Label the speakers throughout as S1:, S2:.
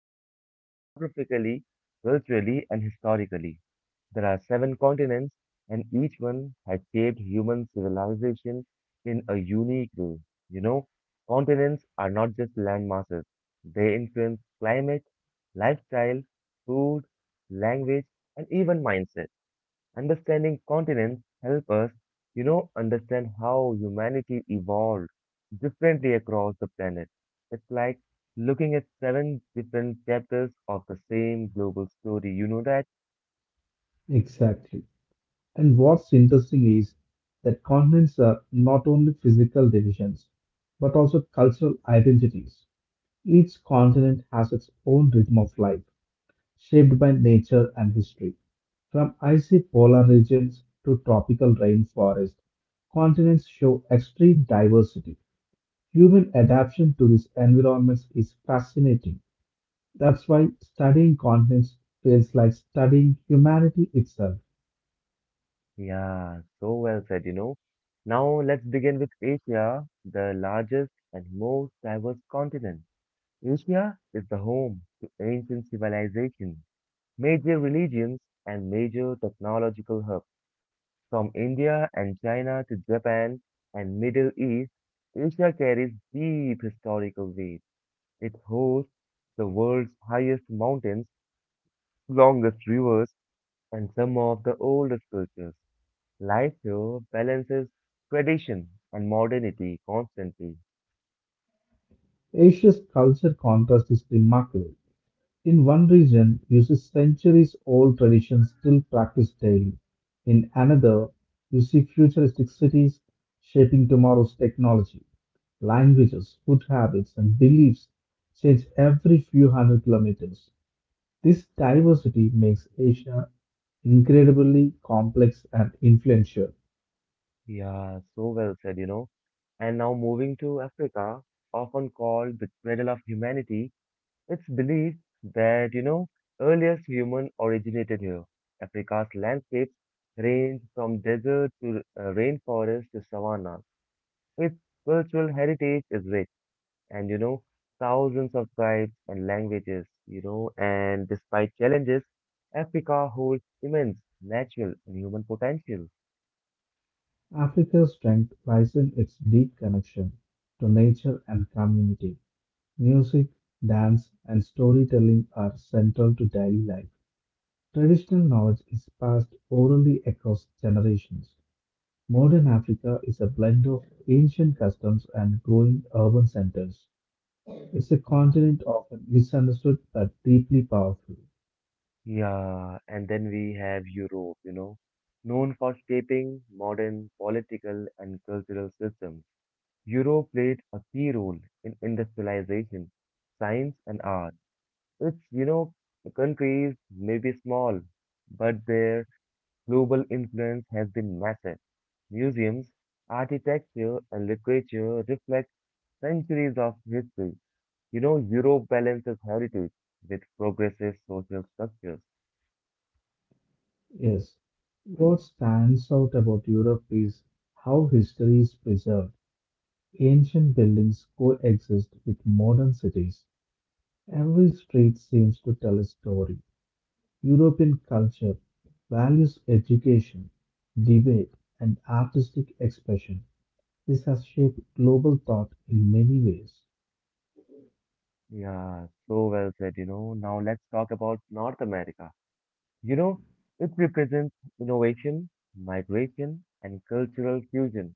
S1: world is divided geographically, culturally, and historically. There are seven continents, and each one has shaped human civilization in a unique way. You know, Continents are not just land masses. They influence climate, lifestyle, food, language, and even mindset. Understanding continents help us understand how humanity evolved differently across the planet. It's like looking at seven different chapters of the same global story. You know that?
S2: Exactly. And what's interesting is that continents are not only physical divisions, but also cultural identities. Each continent has its own rhythm of life, shaped by nature and history. From icy polar regions to tropical rainforest, continents show extreme diversity. Human adaptation to these environments is fascinating. That's why studying continents feels like studying humanity itself.
S1: Yeah, so well said. Now let's begin with Asia, the largest and most diverse continent. Asia is the home to ancient civilization, major religions, and major technological hubs. From India and China to Japan and Middle East, Asia carries deep historical weight. It hosts the world's highest mountains, longest rivers, and some of the oldest cultures. Life here balances tradition and modernity constantly.
S2: Asia's culture contrast is remarkable. In one region, you see centuries old traditions still practiced daily. In another, you see futuristic cities shaping tomorrow's technology. Languages, food habits, and beliefs change every few hundred kilometers. This diversity makes Asia incredibly complex and influential.
S1: Yeah, so well said. And now moving to Africa, often called the cradle of humanity, it's believed that earliest human originated here. Africa's landscapes range from desert to rainforest to savanna. Its cultural heritage is rich, and thousands of tribes and languages, and despite challenges, Africa holds immense natural and human potential.
S2: Africa's strength lies in its deep connection to nature and community. Music, dance, and storytelling are central to daily life. Traditional knowledge is passed orally across generations. Modern Africa is a blend of ancient customs and growing urban centers. It's a
S1: Yeah.
S2: continent often misunderstood but deeply powerful.
S1: Yeah, and then we have Europe, known for shaping modern political and cultural systems. Europe played a key role in industrialization, science, and art. It's you know the countries may be small, but their Global influence has been massive. Museums, architecture, and literature reflect centuries of history. Europe balances heritage with progressive social structures.
S2: Yes, what stands out about Europe is how history is preserved. Ancient buildings coexist with modern cities. Every street seems to tell a story. European culture values education, debate, and artistic expression. This has shaped global thought in many ways.
S1: Yeah, so well said. Now let's talk about North America. You know, it represents innovation, migration, and cultural fusion.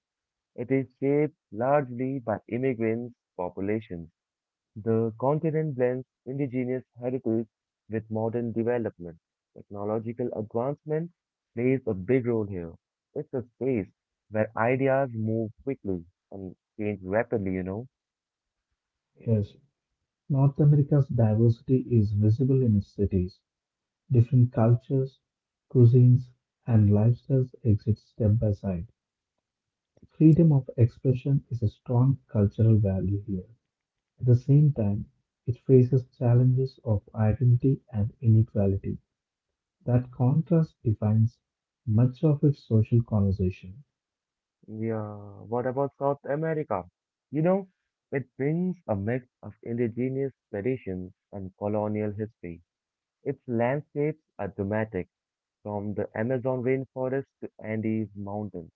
S1: It is shaped largely by immigrants' populations. The continent blends indigenous heritage with modern development. Technological advancement plays a big role here. It's a space where ideas move quickly and change rapidly.
S2: Yes, North America's diversity is visible in its cities. Different cultures, cuisines, and lifestyles exist side by side. Freedom of expression is a strong cultural value here. At the same time, it faces challenges of identity and inequality. That contrast defines much of its social conversation.
S1: Yeah, what about South America? You know, it brings a mix of indigenous traditions and colonial history. Its landscapes are dramatic, from the Amazon rainforest to Andes mountains.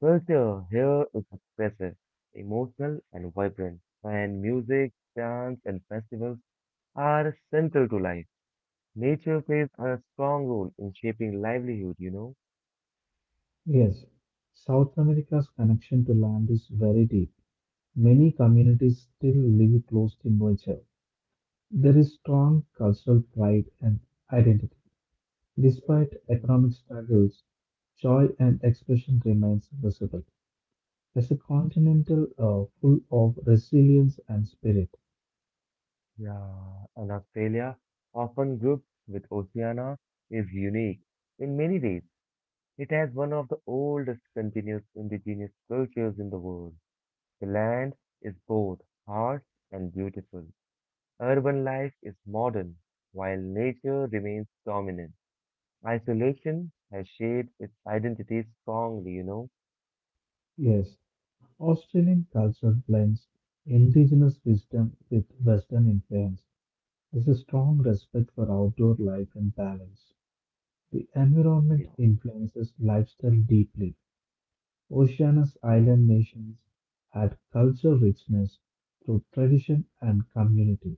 S1: Culture here is expressive, emotional, and vibrant, and music, dance, and festivals are central to life. Nature plays a strong role in shaping livelihood.
S2: Yes, South America's connection to land is very deep. Many communities still live close to nature. There is strong cultural pride and identity. Despite
S1: Mm.
S2: economic struggles, joy and expression remains visible. As a continental full of resilience and spirit.
S1: Yeah, and Australia, often grouped with Oceania, is unique. In many ways, it has one of the oldest continuous indigenous cultures in the world. The land is both harsh and beautiful. Urban life is modern, while nature remains dominant. Isolation has shaped its identity strongly.
S2: Yes, Australian culture blends indigenous wisdom with Western influence. There's a strong respect for outdoor life and balance. The environment
S1: Yeah,
S2: influences lifestyle deeply. Oceania's
S1: yeah,
S2: island nations add cultural richness through tradition and community.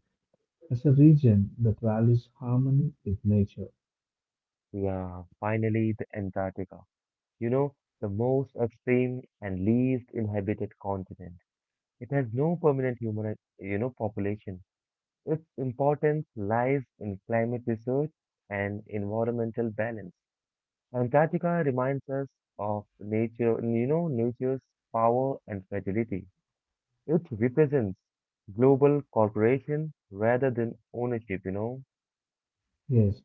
S2: As a region that values harmony with nature.
S1: yeah. Finally, the Antarctica. You know, the most extreme and least inhabited continent. It has no permanent human population. Its importance lies in climate research and environmental balance. Antarctica reminds us of nature's power and fragility. It represents global cooperation rather than ownership.
S2: Yes,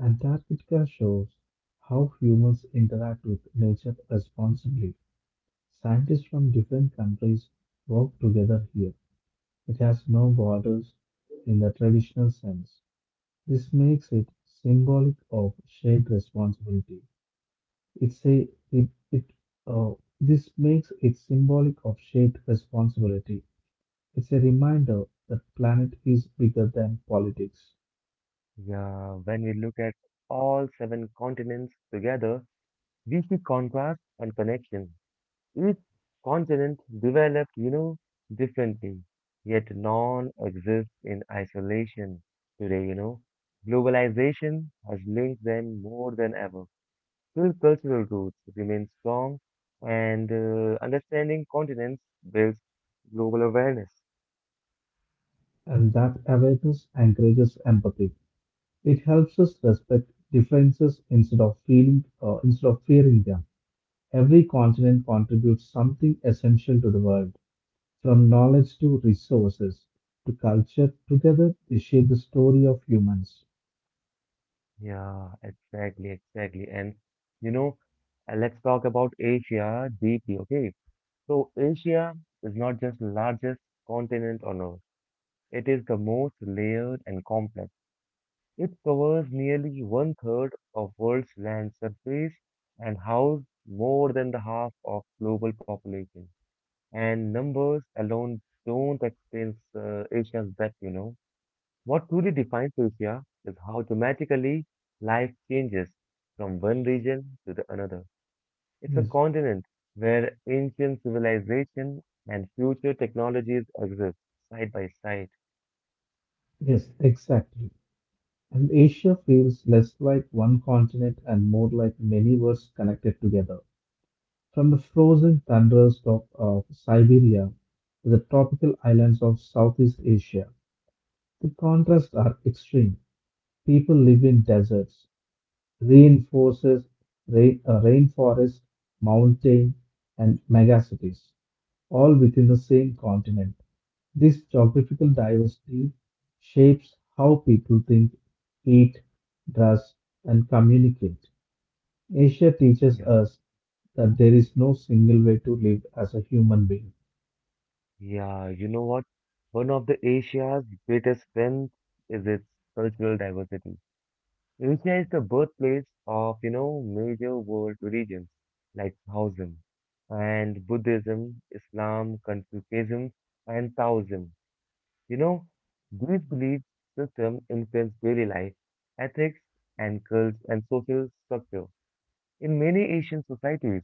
S2: Antarctica shows how humans interact with nature responsibly. Scientists from different countries work together here. It has no borders in the traditional sense. This makes it symbolic of shared responsibility. It's a it, it uh, this makes it symbolic of shared responsibility. It's a reminder that planet is bigger than politics,
S1: Yeah, when we look at all seven continents together, we see contrast and connection. Each continent developed, differently, yet none exists in isolation today. Globalization has linked them more than ever. Still, cultural roots remain strong, and understanding continents builds global awareness.
S2: and that awareness encourages empathy. It helps us respect differences instead of fearing them. Every continent contributes something essential to the world, from knowledge to resources to culture. Together, they shape the story of humans.
S1: Yeah, exactly, exactly. And you know, let's talk about Asia deeply, okay? So Asia is not just the largest continent on Earth. It is the most layered and complex. It covers nearly one third of world's land surface and houses more than the half of global population. And numbers alone don't explain Asia's depth. What truly defines Lucia is how dramatically life changes from one region to the another. It's a
S2: Yes.
S1: continent where ancient civilization and future technologies exist side by side.
S2: Yes, exactly. And Asia feels less like one continent and more like many worlds connected together. From the frozen thunders of Siberia to the tropical islands of Southeast Asia, the contrasts are extreme. People live in deserts, reinforces, rainforest, mountain, and megacities, all within the same continent. This geographical
S1: Hmm.
S2: diversity shapes how people think, eat, dress, and communicate. Asia teaches
S1: Yeah,
S2: us that there is no single way to live as a human being.
S1: yeah, you know what? One of the Asia's greatest strengths is its cultural diversity. Asia is the birthplace of major world religions like Taoism and Buddhism, Islam, Confucianism, and Taoism. You know, these belief systems influence daily life, ethics, and cults and social structure. In many Asian societies,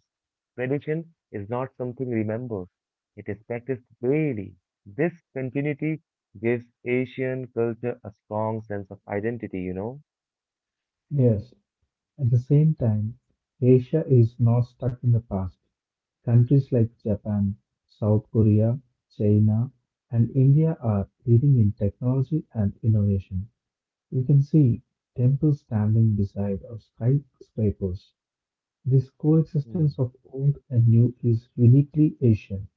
S1: tradition is not something remembered. It is practiced daily. This continuity gives Asian culture a strong sense of identity.
S2: Yes, at the same time, Asia is not stuck in the past. Countries like Japan, South Korea, China, and India are leading in technology and innovation. You can see temples standing beside of skyscrapers. This
S1: Hmm.
S2: coexistence of old and new is uniquely Asian.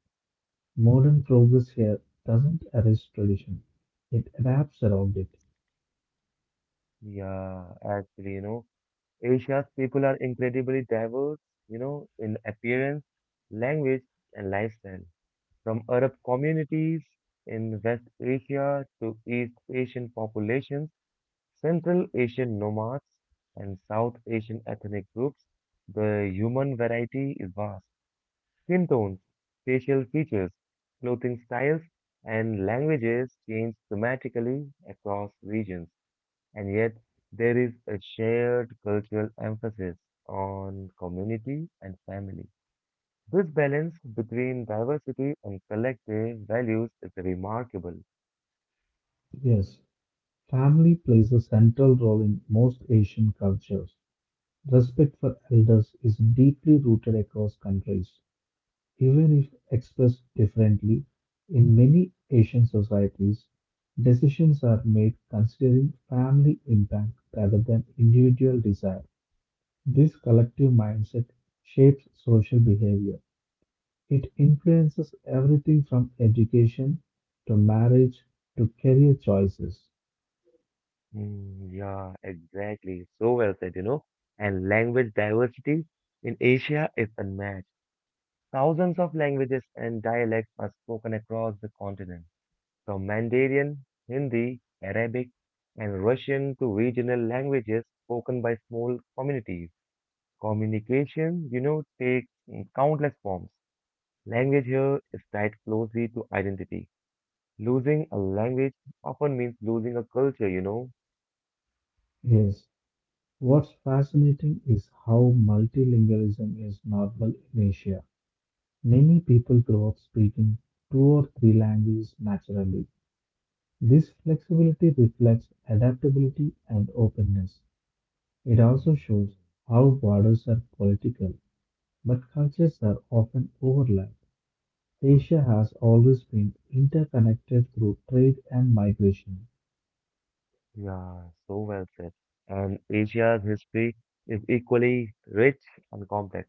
S2: Modern progress here doesn't erase tradition, it adapts around it.
S1: Yeah, actually, Asia's people are incredibly diverse, in appearance, language, and lifestyle. From Arab communities in West Asia to East Asian populations, Central Asian nomads, and South Asian ethnic groups, the human variety is vast. Skin tones, facial features, clothing styles, and languages change dramatically across regions. And yet, there is a shared cultural emphasis on community and family. This balance between diversity and collective values is remarkable.
S2: Yes, family plays a central role in most Asian cultures. Respect for elders is deeply rooted across countries. Even if expressed differently, in many Asian societies, decisions are made considering family impact rather than individual desire. This collective mindset shapes social behavior. It influences everything from education to marriage to career choices.
S1: Mm, yeah, exactly. So well said. And language diversity in Asia is unmatched. Thousands of languages and dialects are spoken across the continent, from Mandarin, Hindi, Arabic, and Russian to regional languages spoken by small communities. Communication takes countless forms. Language here is tied closely to identity. Losing a language often means losing a culture.
S2: Yes, what's fascinating is how multilingualism is normal in Asia. Many people grow up speaking two or three languages naturally. This flexibility reflects adaptability and openness. It
S1: Hmm.
S2: also shows how borders are political, but cultures are often overlapped. Asia has always been interconnected through trade and migration.
S1: Yeah, so well said. And Asia's history is equally rich and complex.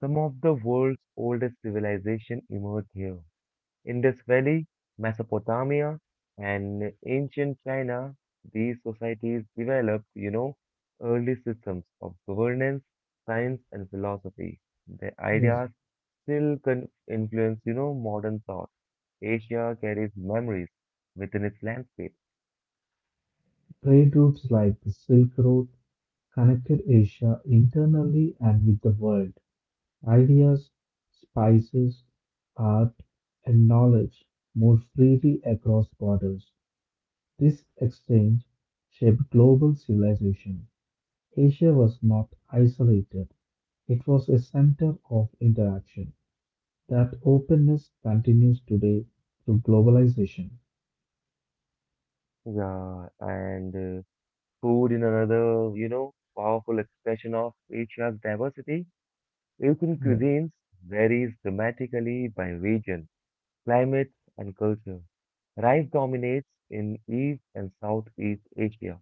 S1: Some of the world's oldest civilization emerged here. Indus Valley, Mesopotamia, and ancient China, these societies developed early systems of governance, science, and philosophy. The
S2: Yes.
S1: ideas still influence modern thought. Asia carries memories within its landscape.
S2: Trade routes like the Silk Road connected Asia internally and with the world. Ideas, spices, art, and knowledge moved freely across borders. This exchange shaped global civilization. Asia was not isolated, it was a center of interaction. That openness continues today through globalization.
S1: Yeah, and food in another powerful expression of Asia's diversity. Asian
S2: Yeah.
S1: cuisines varies dramatically by region, climate, and culture. Rice dominates in East and Southeast Asia,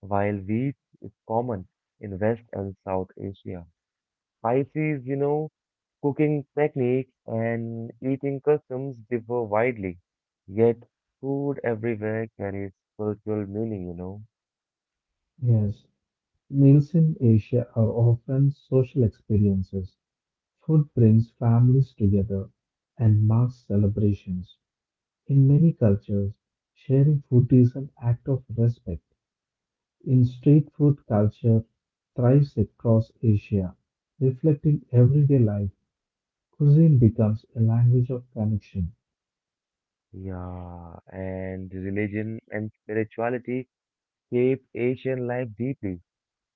S1: while wheat is common in West and South Asia. Spices, cooking techniques and eating customs differ widely, yet food everywhere carries cultural meaning.
S2: Yes, meals in Asia are often social experiences. Food brings families together and marks celebrations. In many cultures, sharing food is an act of respect. In street food culture thrives across Asia, reflecting everyday life. Cuisine becomes a language of connection.
S1: Yeah, and religion and spirituality shape Asian life deeply.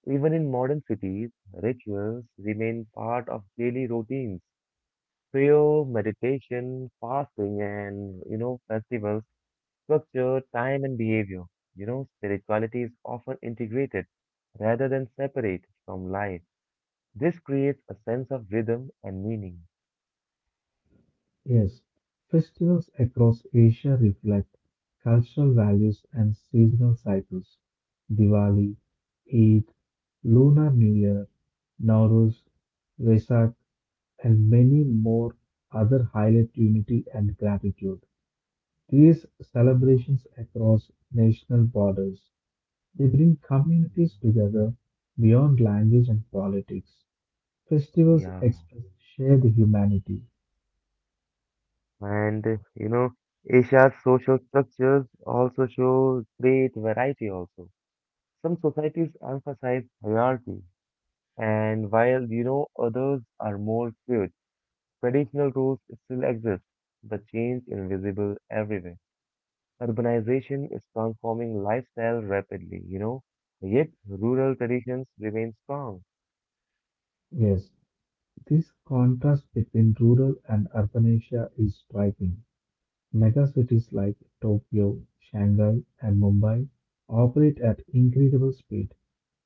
S1: Even in modern cities, rituals remain part of daily routines. Prayer, meditation, fasting, and festivals, structure, time, and behavior. Spirituality is often integrated rather than separate from life. This creates a sense of rhythm and meaning.
S2: Yes, festivals across Asia reflect cultural values and seasonal cycles. Diwali, Eid, Lunar New Year, Nowruz, Vesak, and many more other highlight unity and gratitude. These
S1: Yeah,
S2: celebrations across national borders. They bring communities together beyond language and politics. Festivals
S1: yeah.
S2: express shared humanity.
S1: And Asia's social structures also show great variety also. Some societies emphasize hierarchy, and while others are more fluid. Traditional roles still exist, but change invisible everywhere. Urbanization is transforming lifestyle rapidly, yet rural traditions remain strong.
S2: Yes, this contrast between rural and urban Asia is striking. Megacities like Tokyo, Shanghai, and Mumbai operate at incredible speed.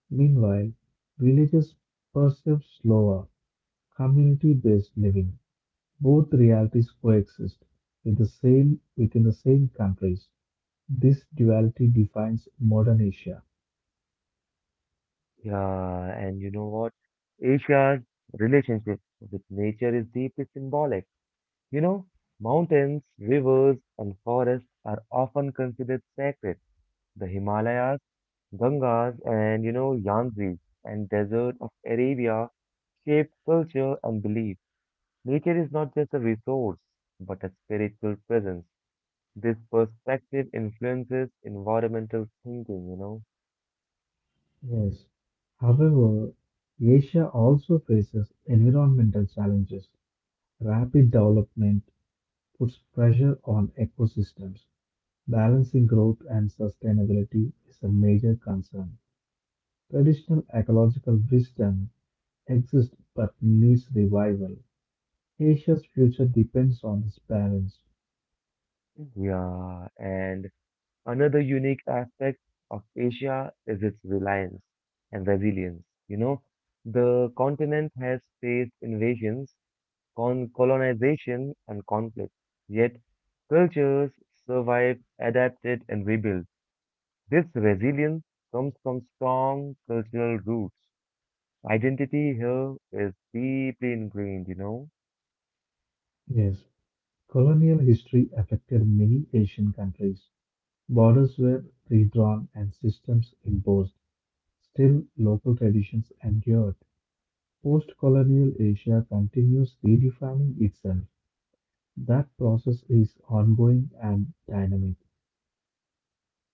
S2: Meanwhile, villages perceive slower, community based living. Both realities coexist in the same, within the same countries. This duality defines modern Asia.
S1: Yeah, and you know what? Asia's relationship with nature is deeply symbolic. You know, Mountains, rivers, and forests are often considered sacred. The Himalayas, Gangas, and Yangtze and desert of Arabia shape culture and belief. Nature is not just a resource, but a spiritual presence. This perspective influences environmental thinking, you know?
S2: Yes. However, Asia also faces environmental challenges. Rapid development puts pressure on ecosystems. Balancing growth and sustainability is a major concern. Traditional ecological wisdom exists but needs revival. Asia's future depends on this balance.
S1: Mm. Yeah, and another unique aspect of Asia is its reliance and resilience. The continent has faced invasions, con colonization, and conflict, yet cultures survived, adapted, and rebuilt. This resilience comes from strong cultural roots. Identity here is deeply ingrained.
S2: Yes, colonial history affected many Asian countries. Borders were redrawn and systems imposed; still, local traditions endured. Post-colonial Asia continues redefining itself. That process is ongoing and dynamic.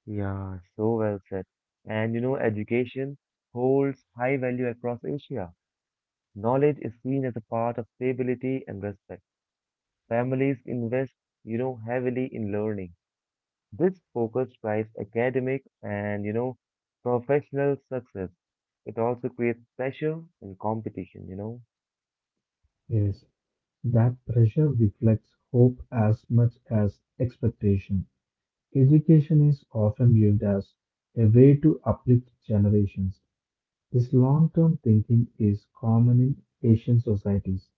S1: Yeah, so well said. And education holds high value across Asia. Knowledge is seen as a part of stability and respect. Families invest heavily in learning. This focus drives academic and professional success. It also creates pressure and competition.
S2: Yes, that pressure reflects hope as much as expectation. Education is often viewed as a way to uplift generations. This long-term thinking is common in Asian societies.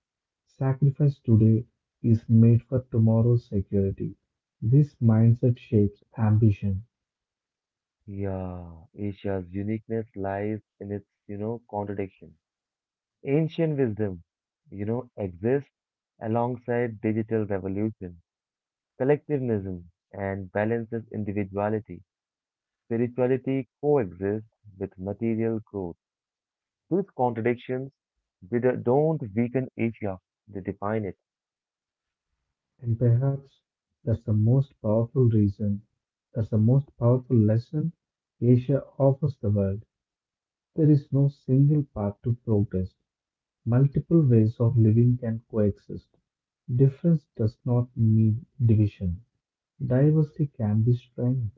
S2: Sacrifice today is made for tomorrow's security. This mindset shapes ambition,
S1: Yeah, Asia's uniqueness lies in its contradiction. Ancient wisdom exists alongside digital revolution, collectivism, and balances individuality. Spirituality coexists with material growth. These contradictions they don't weaken Asia, they define it.
S2: and perhaps that's the most powerful reason, that's the most powerful lesson Asia offers the world. There is no single path to progress. Multiple ways of living can coexist. Difference does not mean division. Diversity can be strength.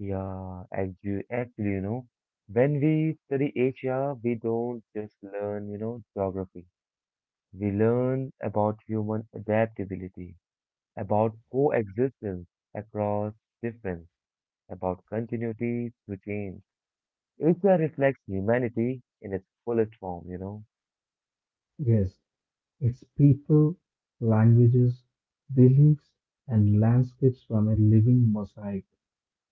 S1: Yeah, actually, when we study Asia, we don't just learn geography. We learn about human adaptability, about coexistence across difference about continuity to change. HR reflects humanity in its fullest form.
S2: Yes, its people, languages, beliefs, and landscapes form a living mosaic.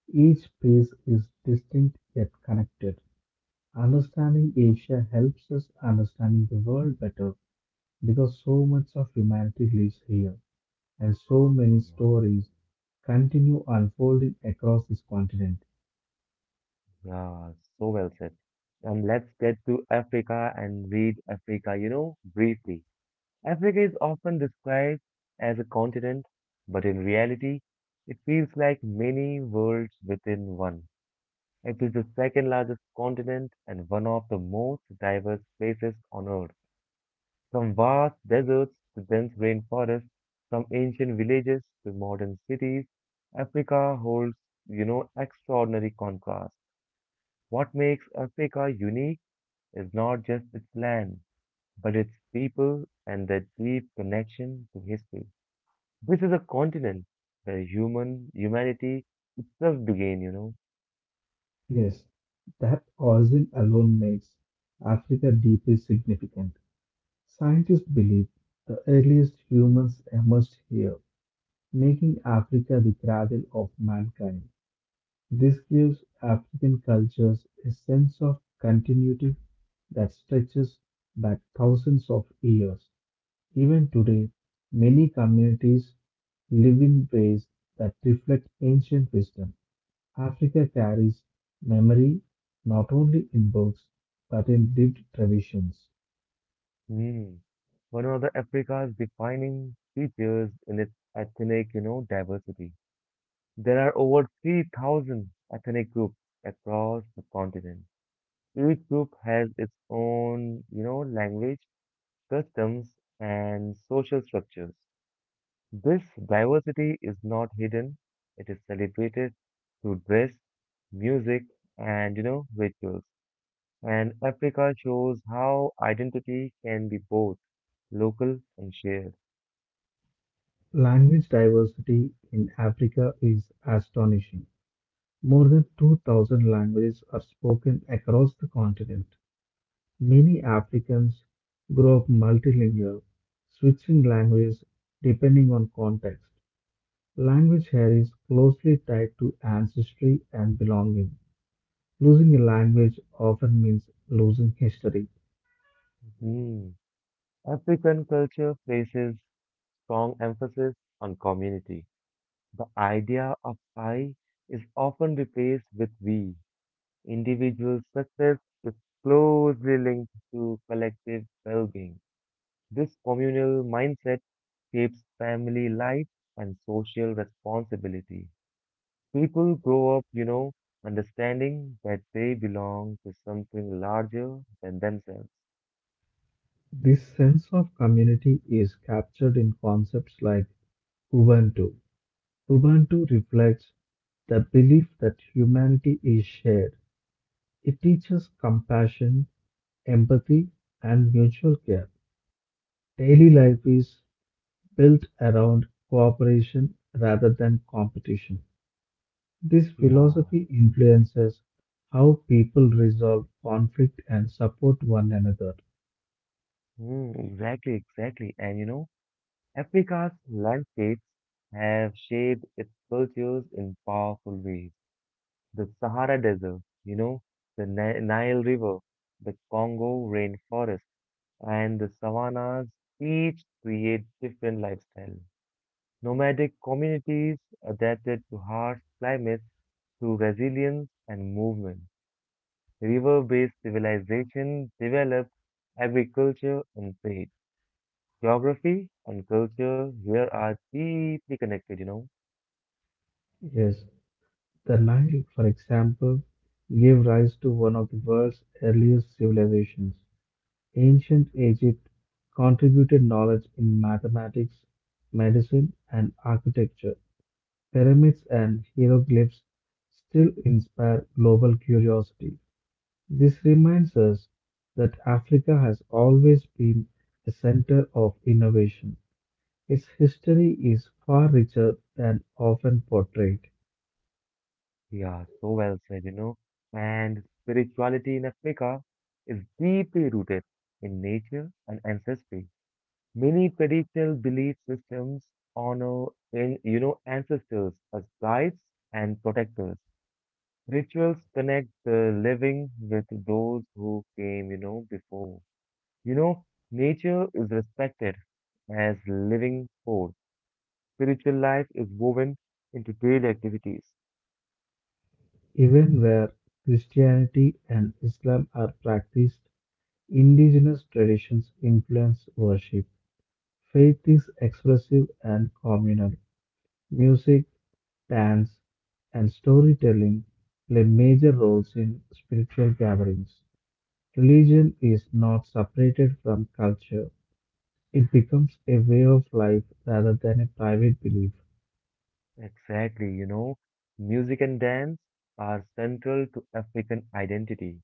S2: Each piece is distinct yet connected. Understanding Asia helps us understanding the world better, because so much of humanity lives here and so many
S1: Yeah,
S2: stories continue unfolding across this continent.
S1: yeah, so well said. And let's get to Africa and read Africa, briefly. Africa is often described as a continent, but in reality, it feels like many worlds within one. It is the second largest continent and one of the most diverse places on Earth. From vast deserts to dense rainforests, from ancient villages to modern cities, Africa holds extraordinary contrast. What makes Africa unique is not just its land, but its people and their deep connection to history. This is a continent where human humanity just began.
S2: Yes, that origin alone makes Africa deeply significant. Scientists believe the earliest humans emerged here, making Africa the cradle of mankind. This gives African cultures a sense of continuity that stretches back thousands of years. Even today, many communities live in ways that reflect ancient wisdom. Africa carries memory not only in books but in lived traditions.
S1: Hmm. One of the Africa's defining features in its ethnic diversity. There are over 3,000 ethnic groups across the continent. Each group has its own, language, customs, and social structures. This diversity is not hidden, it is celebrated through dress, music, and rituals. And Africa shows how identity can be both local and shared.
S2: Language diversity in Africa is astonishing. More than 2,000 languages are spoken across the continent. Many Africans grow up multilingual, switching languages depending on context. Language here is closely tied to ancestry and belonging. Losing a language often means losing history.
S1: Hmm. African culture places strong emphasis on community. The idea of I is often replaced with we. Individual success is closely linked to collective well-being. This communal mindset shapes family life and social responsibility. People grow up, understanding that they belong to something larger than themselves.
S2: This sense of community is captured in concepts like Ubuntu. Ubuntu reflects the belief that humanity is shared. It teaches compassion, empathy, and mutual care. Daily life is built around cooperation rather than competition. This
S1: Yeah.
S2: philosophy influences how people resolve conflict and support one another.
S1: Mm, exactly, exactly. And Africa's landscapes have shaped its cultures in powerful ways. The Sahara Desert, the Nile River, the Congo rainforest, and the savannas each create different lifestyles. Nomadic communities adapted to harsh climates through resilience and movement. River-based civilization developed agriculture and trade. Geography and culture here are deeply connected.
S2: Yes, the Nile, for example, gave rise to one of the world's earliest civilizations. Ancient Egypt contributed knowledge in mathematics, medicine, and architecture. Pyramids and hieroglyphs still inspire global curiosity. This reminds us that Africa has always been a center of innovation. Its history is far richer than often portrayed.
S1: Yeah, so well said. And spirituality in Africa is deeply rooted in nature and ancestry. Many traditional belief systems honor ancestors as guides and protectors. Rituals connect the living with those who came before. You know, Nature is respected as living force. Spiritual life is woven into daily activities.
S2: Even where Christianity and Islam are practiced, indigenous traditions influence worship. Faith is expressive and communal. Music, dance, and storytelling play major roles in spiritual gatherings. Religion is not separated from culture, it becomes a way of life rather than a private belief.
S1: Exactly, music and dance are central to African identity.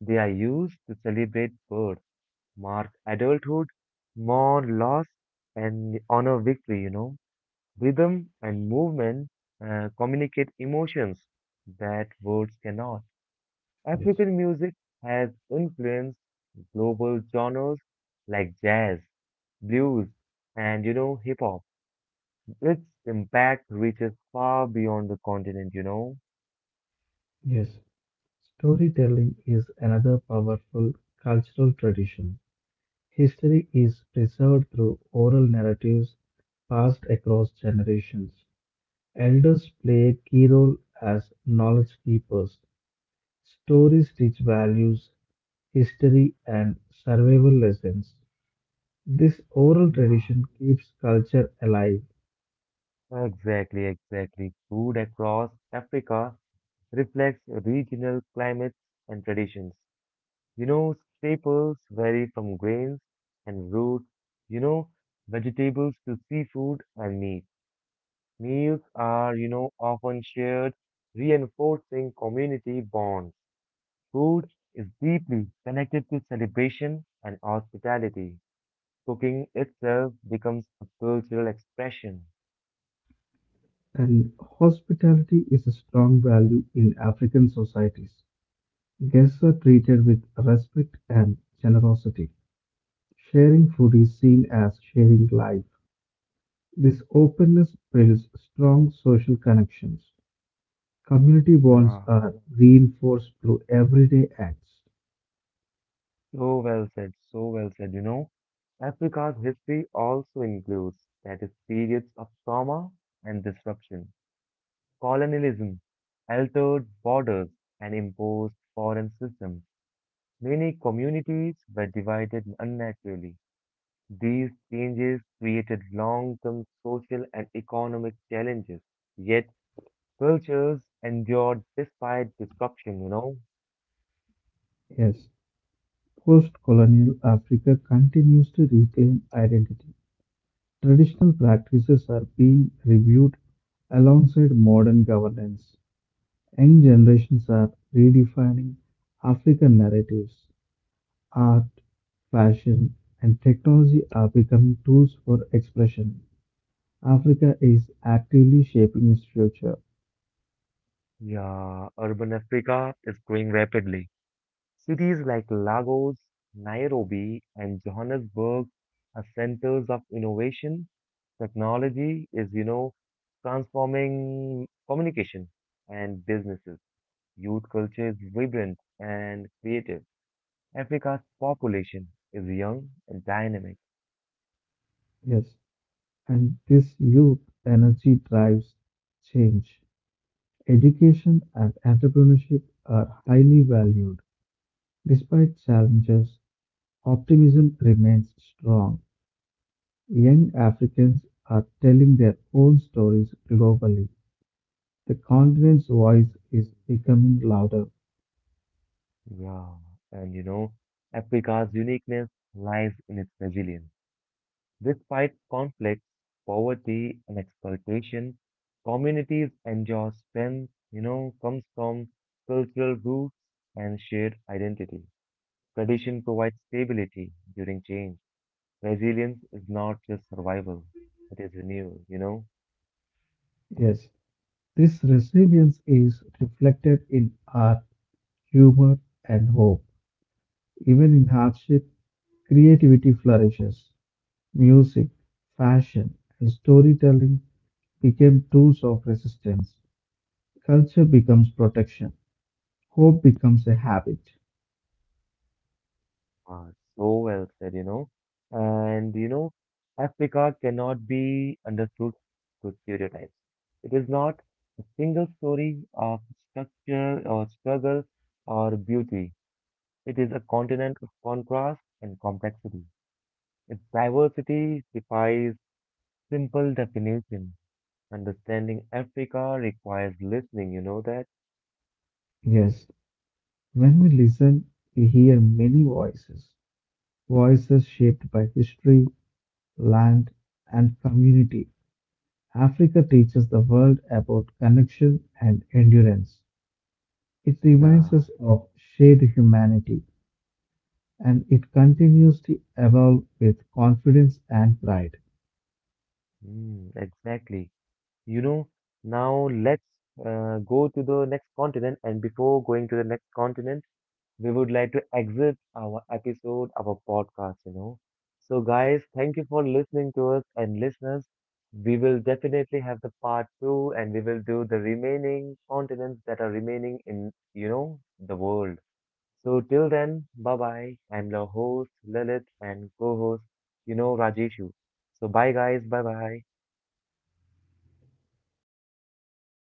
S1: They are used to celebrate birth, mark adulthood, mourn loss, and honor victory. Rhythm and movement communicate emotions that words cannot.
S2: Yes.
S1: African music has influenced global genres like jazz, blues, and hip hop. Its impact reaches far beyond the continent.
S2: Yes, storytelling is another powerful cultural tradition. History is preserved through oral narratives passed across generations. Elders play a key role as knowledge keepers. Stories teach values, history, and survival lessons. This oral
S1: Yeah,
S2: tradition keeps culture alive.
S1: exactly, exactly. Food across Africa reflects regional climates and traditions. Staples vary from grains and roots, you know, vegetables to seafood and meat. Meals are often shared, reinforcing community bonds. Food is deeply connected to celebration and hospitality. Cooking itself becomes a cultural expression.
S2: And hospitality is a strong value in African societies. Guests are treated with respect and generosity. Sharing food is seen as sharing life. This openness builds strong social connections. Community bonds
S1: Yeah.
S2: are reinforced through everyday acts.
S1: So well said, so well said. Africa's history also includes that is periods of trauma and disruption, colonialism, altered borders, and imposed foreign systems. Many communities were divided unnaturally. These changes created long-term social and economic challenges, yet cultures endured despite disruption.
S2: Yes, post colonial Africa continues to reclaim identity. Traditional practices are being reviewed alongside modern governance. Young generations are redefining African narratives. Art, fashion, and technology are becoming tools for expression. Africa is actively shaping its future.
S1: Yeah, urban Africa is growing rapidly. Cities like Lagos, Nairobi, and Johannesburg are centers of innovation. Technology is transforming communication and businesses. Youth culture is vibrant and creative. Africa's population is young and dynamic.
S2: Yes, and this youth energy drives change. Education and entrepreneurship are highly valued. Despite challenges, optimism remains strong. Young Africans are telling their own stories globally. The continent's
S1: Hmm.
S2: voice is becoming louder.
S1: Yeah, and Africa's uniqueness lies in its resilience. Despite conflicts, poverty, and exploitation, communities enjoy strength comes from cultural roots and shared identity. Tradition provides stability during change. Resilience is not just survival, it is renewal.
S2: Yes, this resilience is reflected in art, humor, and hope. Even in hardship, creativity flourishes. Music, fashion, and storytelling became tools of resistance. Culture becomes protection. Hope becomes a habit.
S1: Ah, so well said. And Africa cannot be understood through stereotypes. It is not a single story of structure or struggle or beauty. It is a continent of contrast and complexity. Its diversity defies simple definition. Understanding Africa requires listening, you know that?
S2: Yes, when we listen, we hear many voices. Voices shaped by history, land, and community. Africa teaches the world about connection and endurance. It reminds
S1: Yeah,
S2: us of shared humanity, and it continues to evolve with confidence and pride.
S1: mm, exactly. You know, Now let's go to the next continent. And before going to the next continent, we would like to exit our episode, our podcast. So, guys, thank you for listening to us and listeners. We will definitely have the part two and we will do the remaining continents that are remaining in the world. So, till then, bye bye. I'm your host, Lalit, and co host, Rajeshu. So, bye, guys. Bye bye.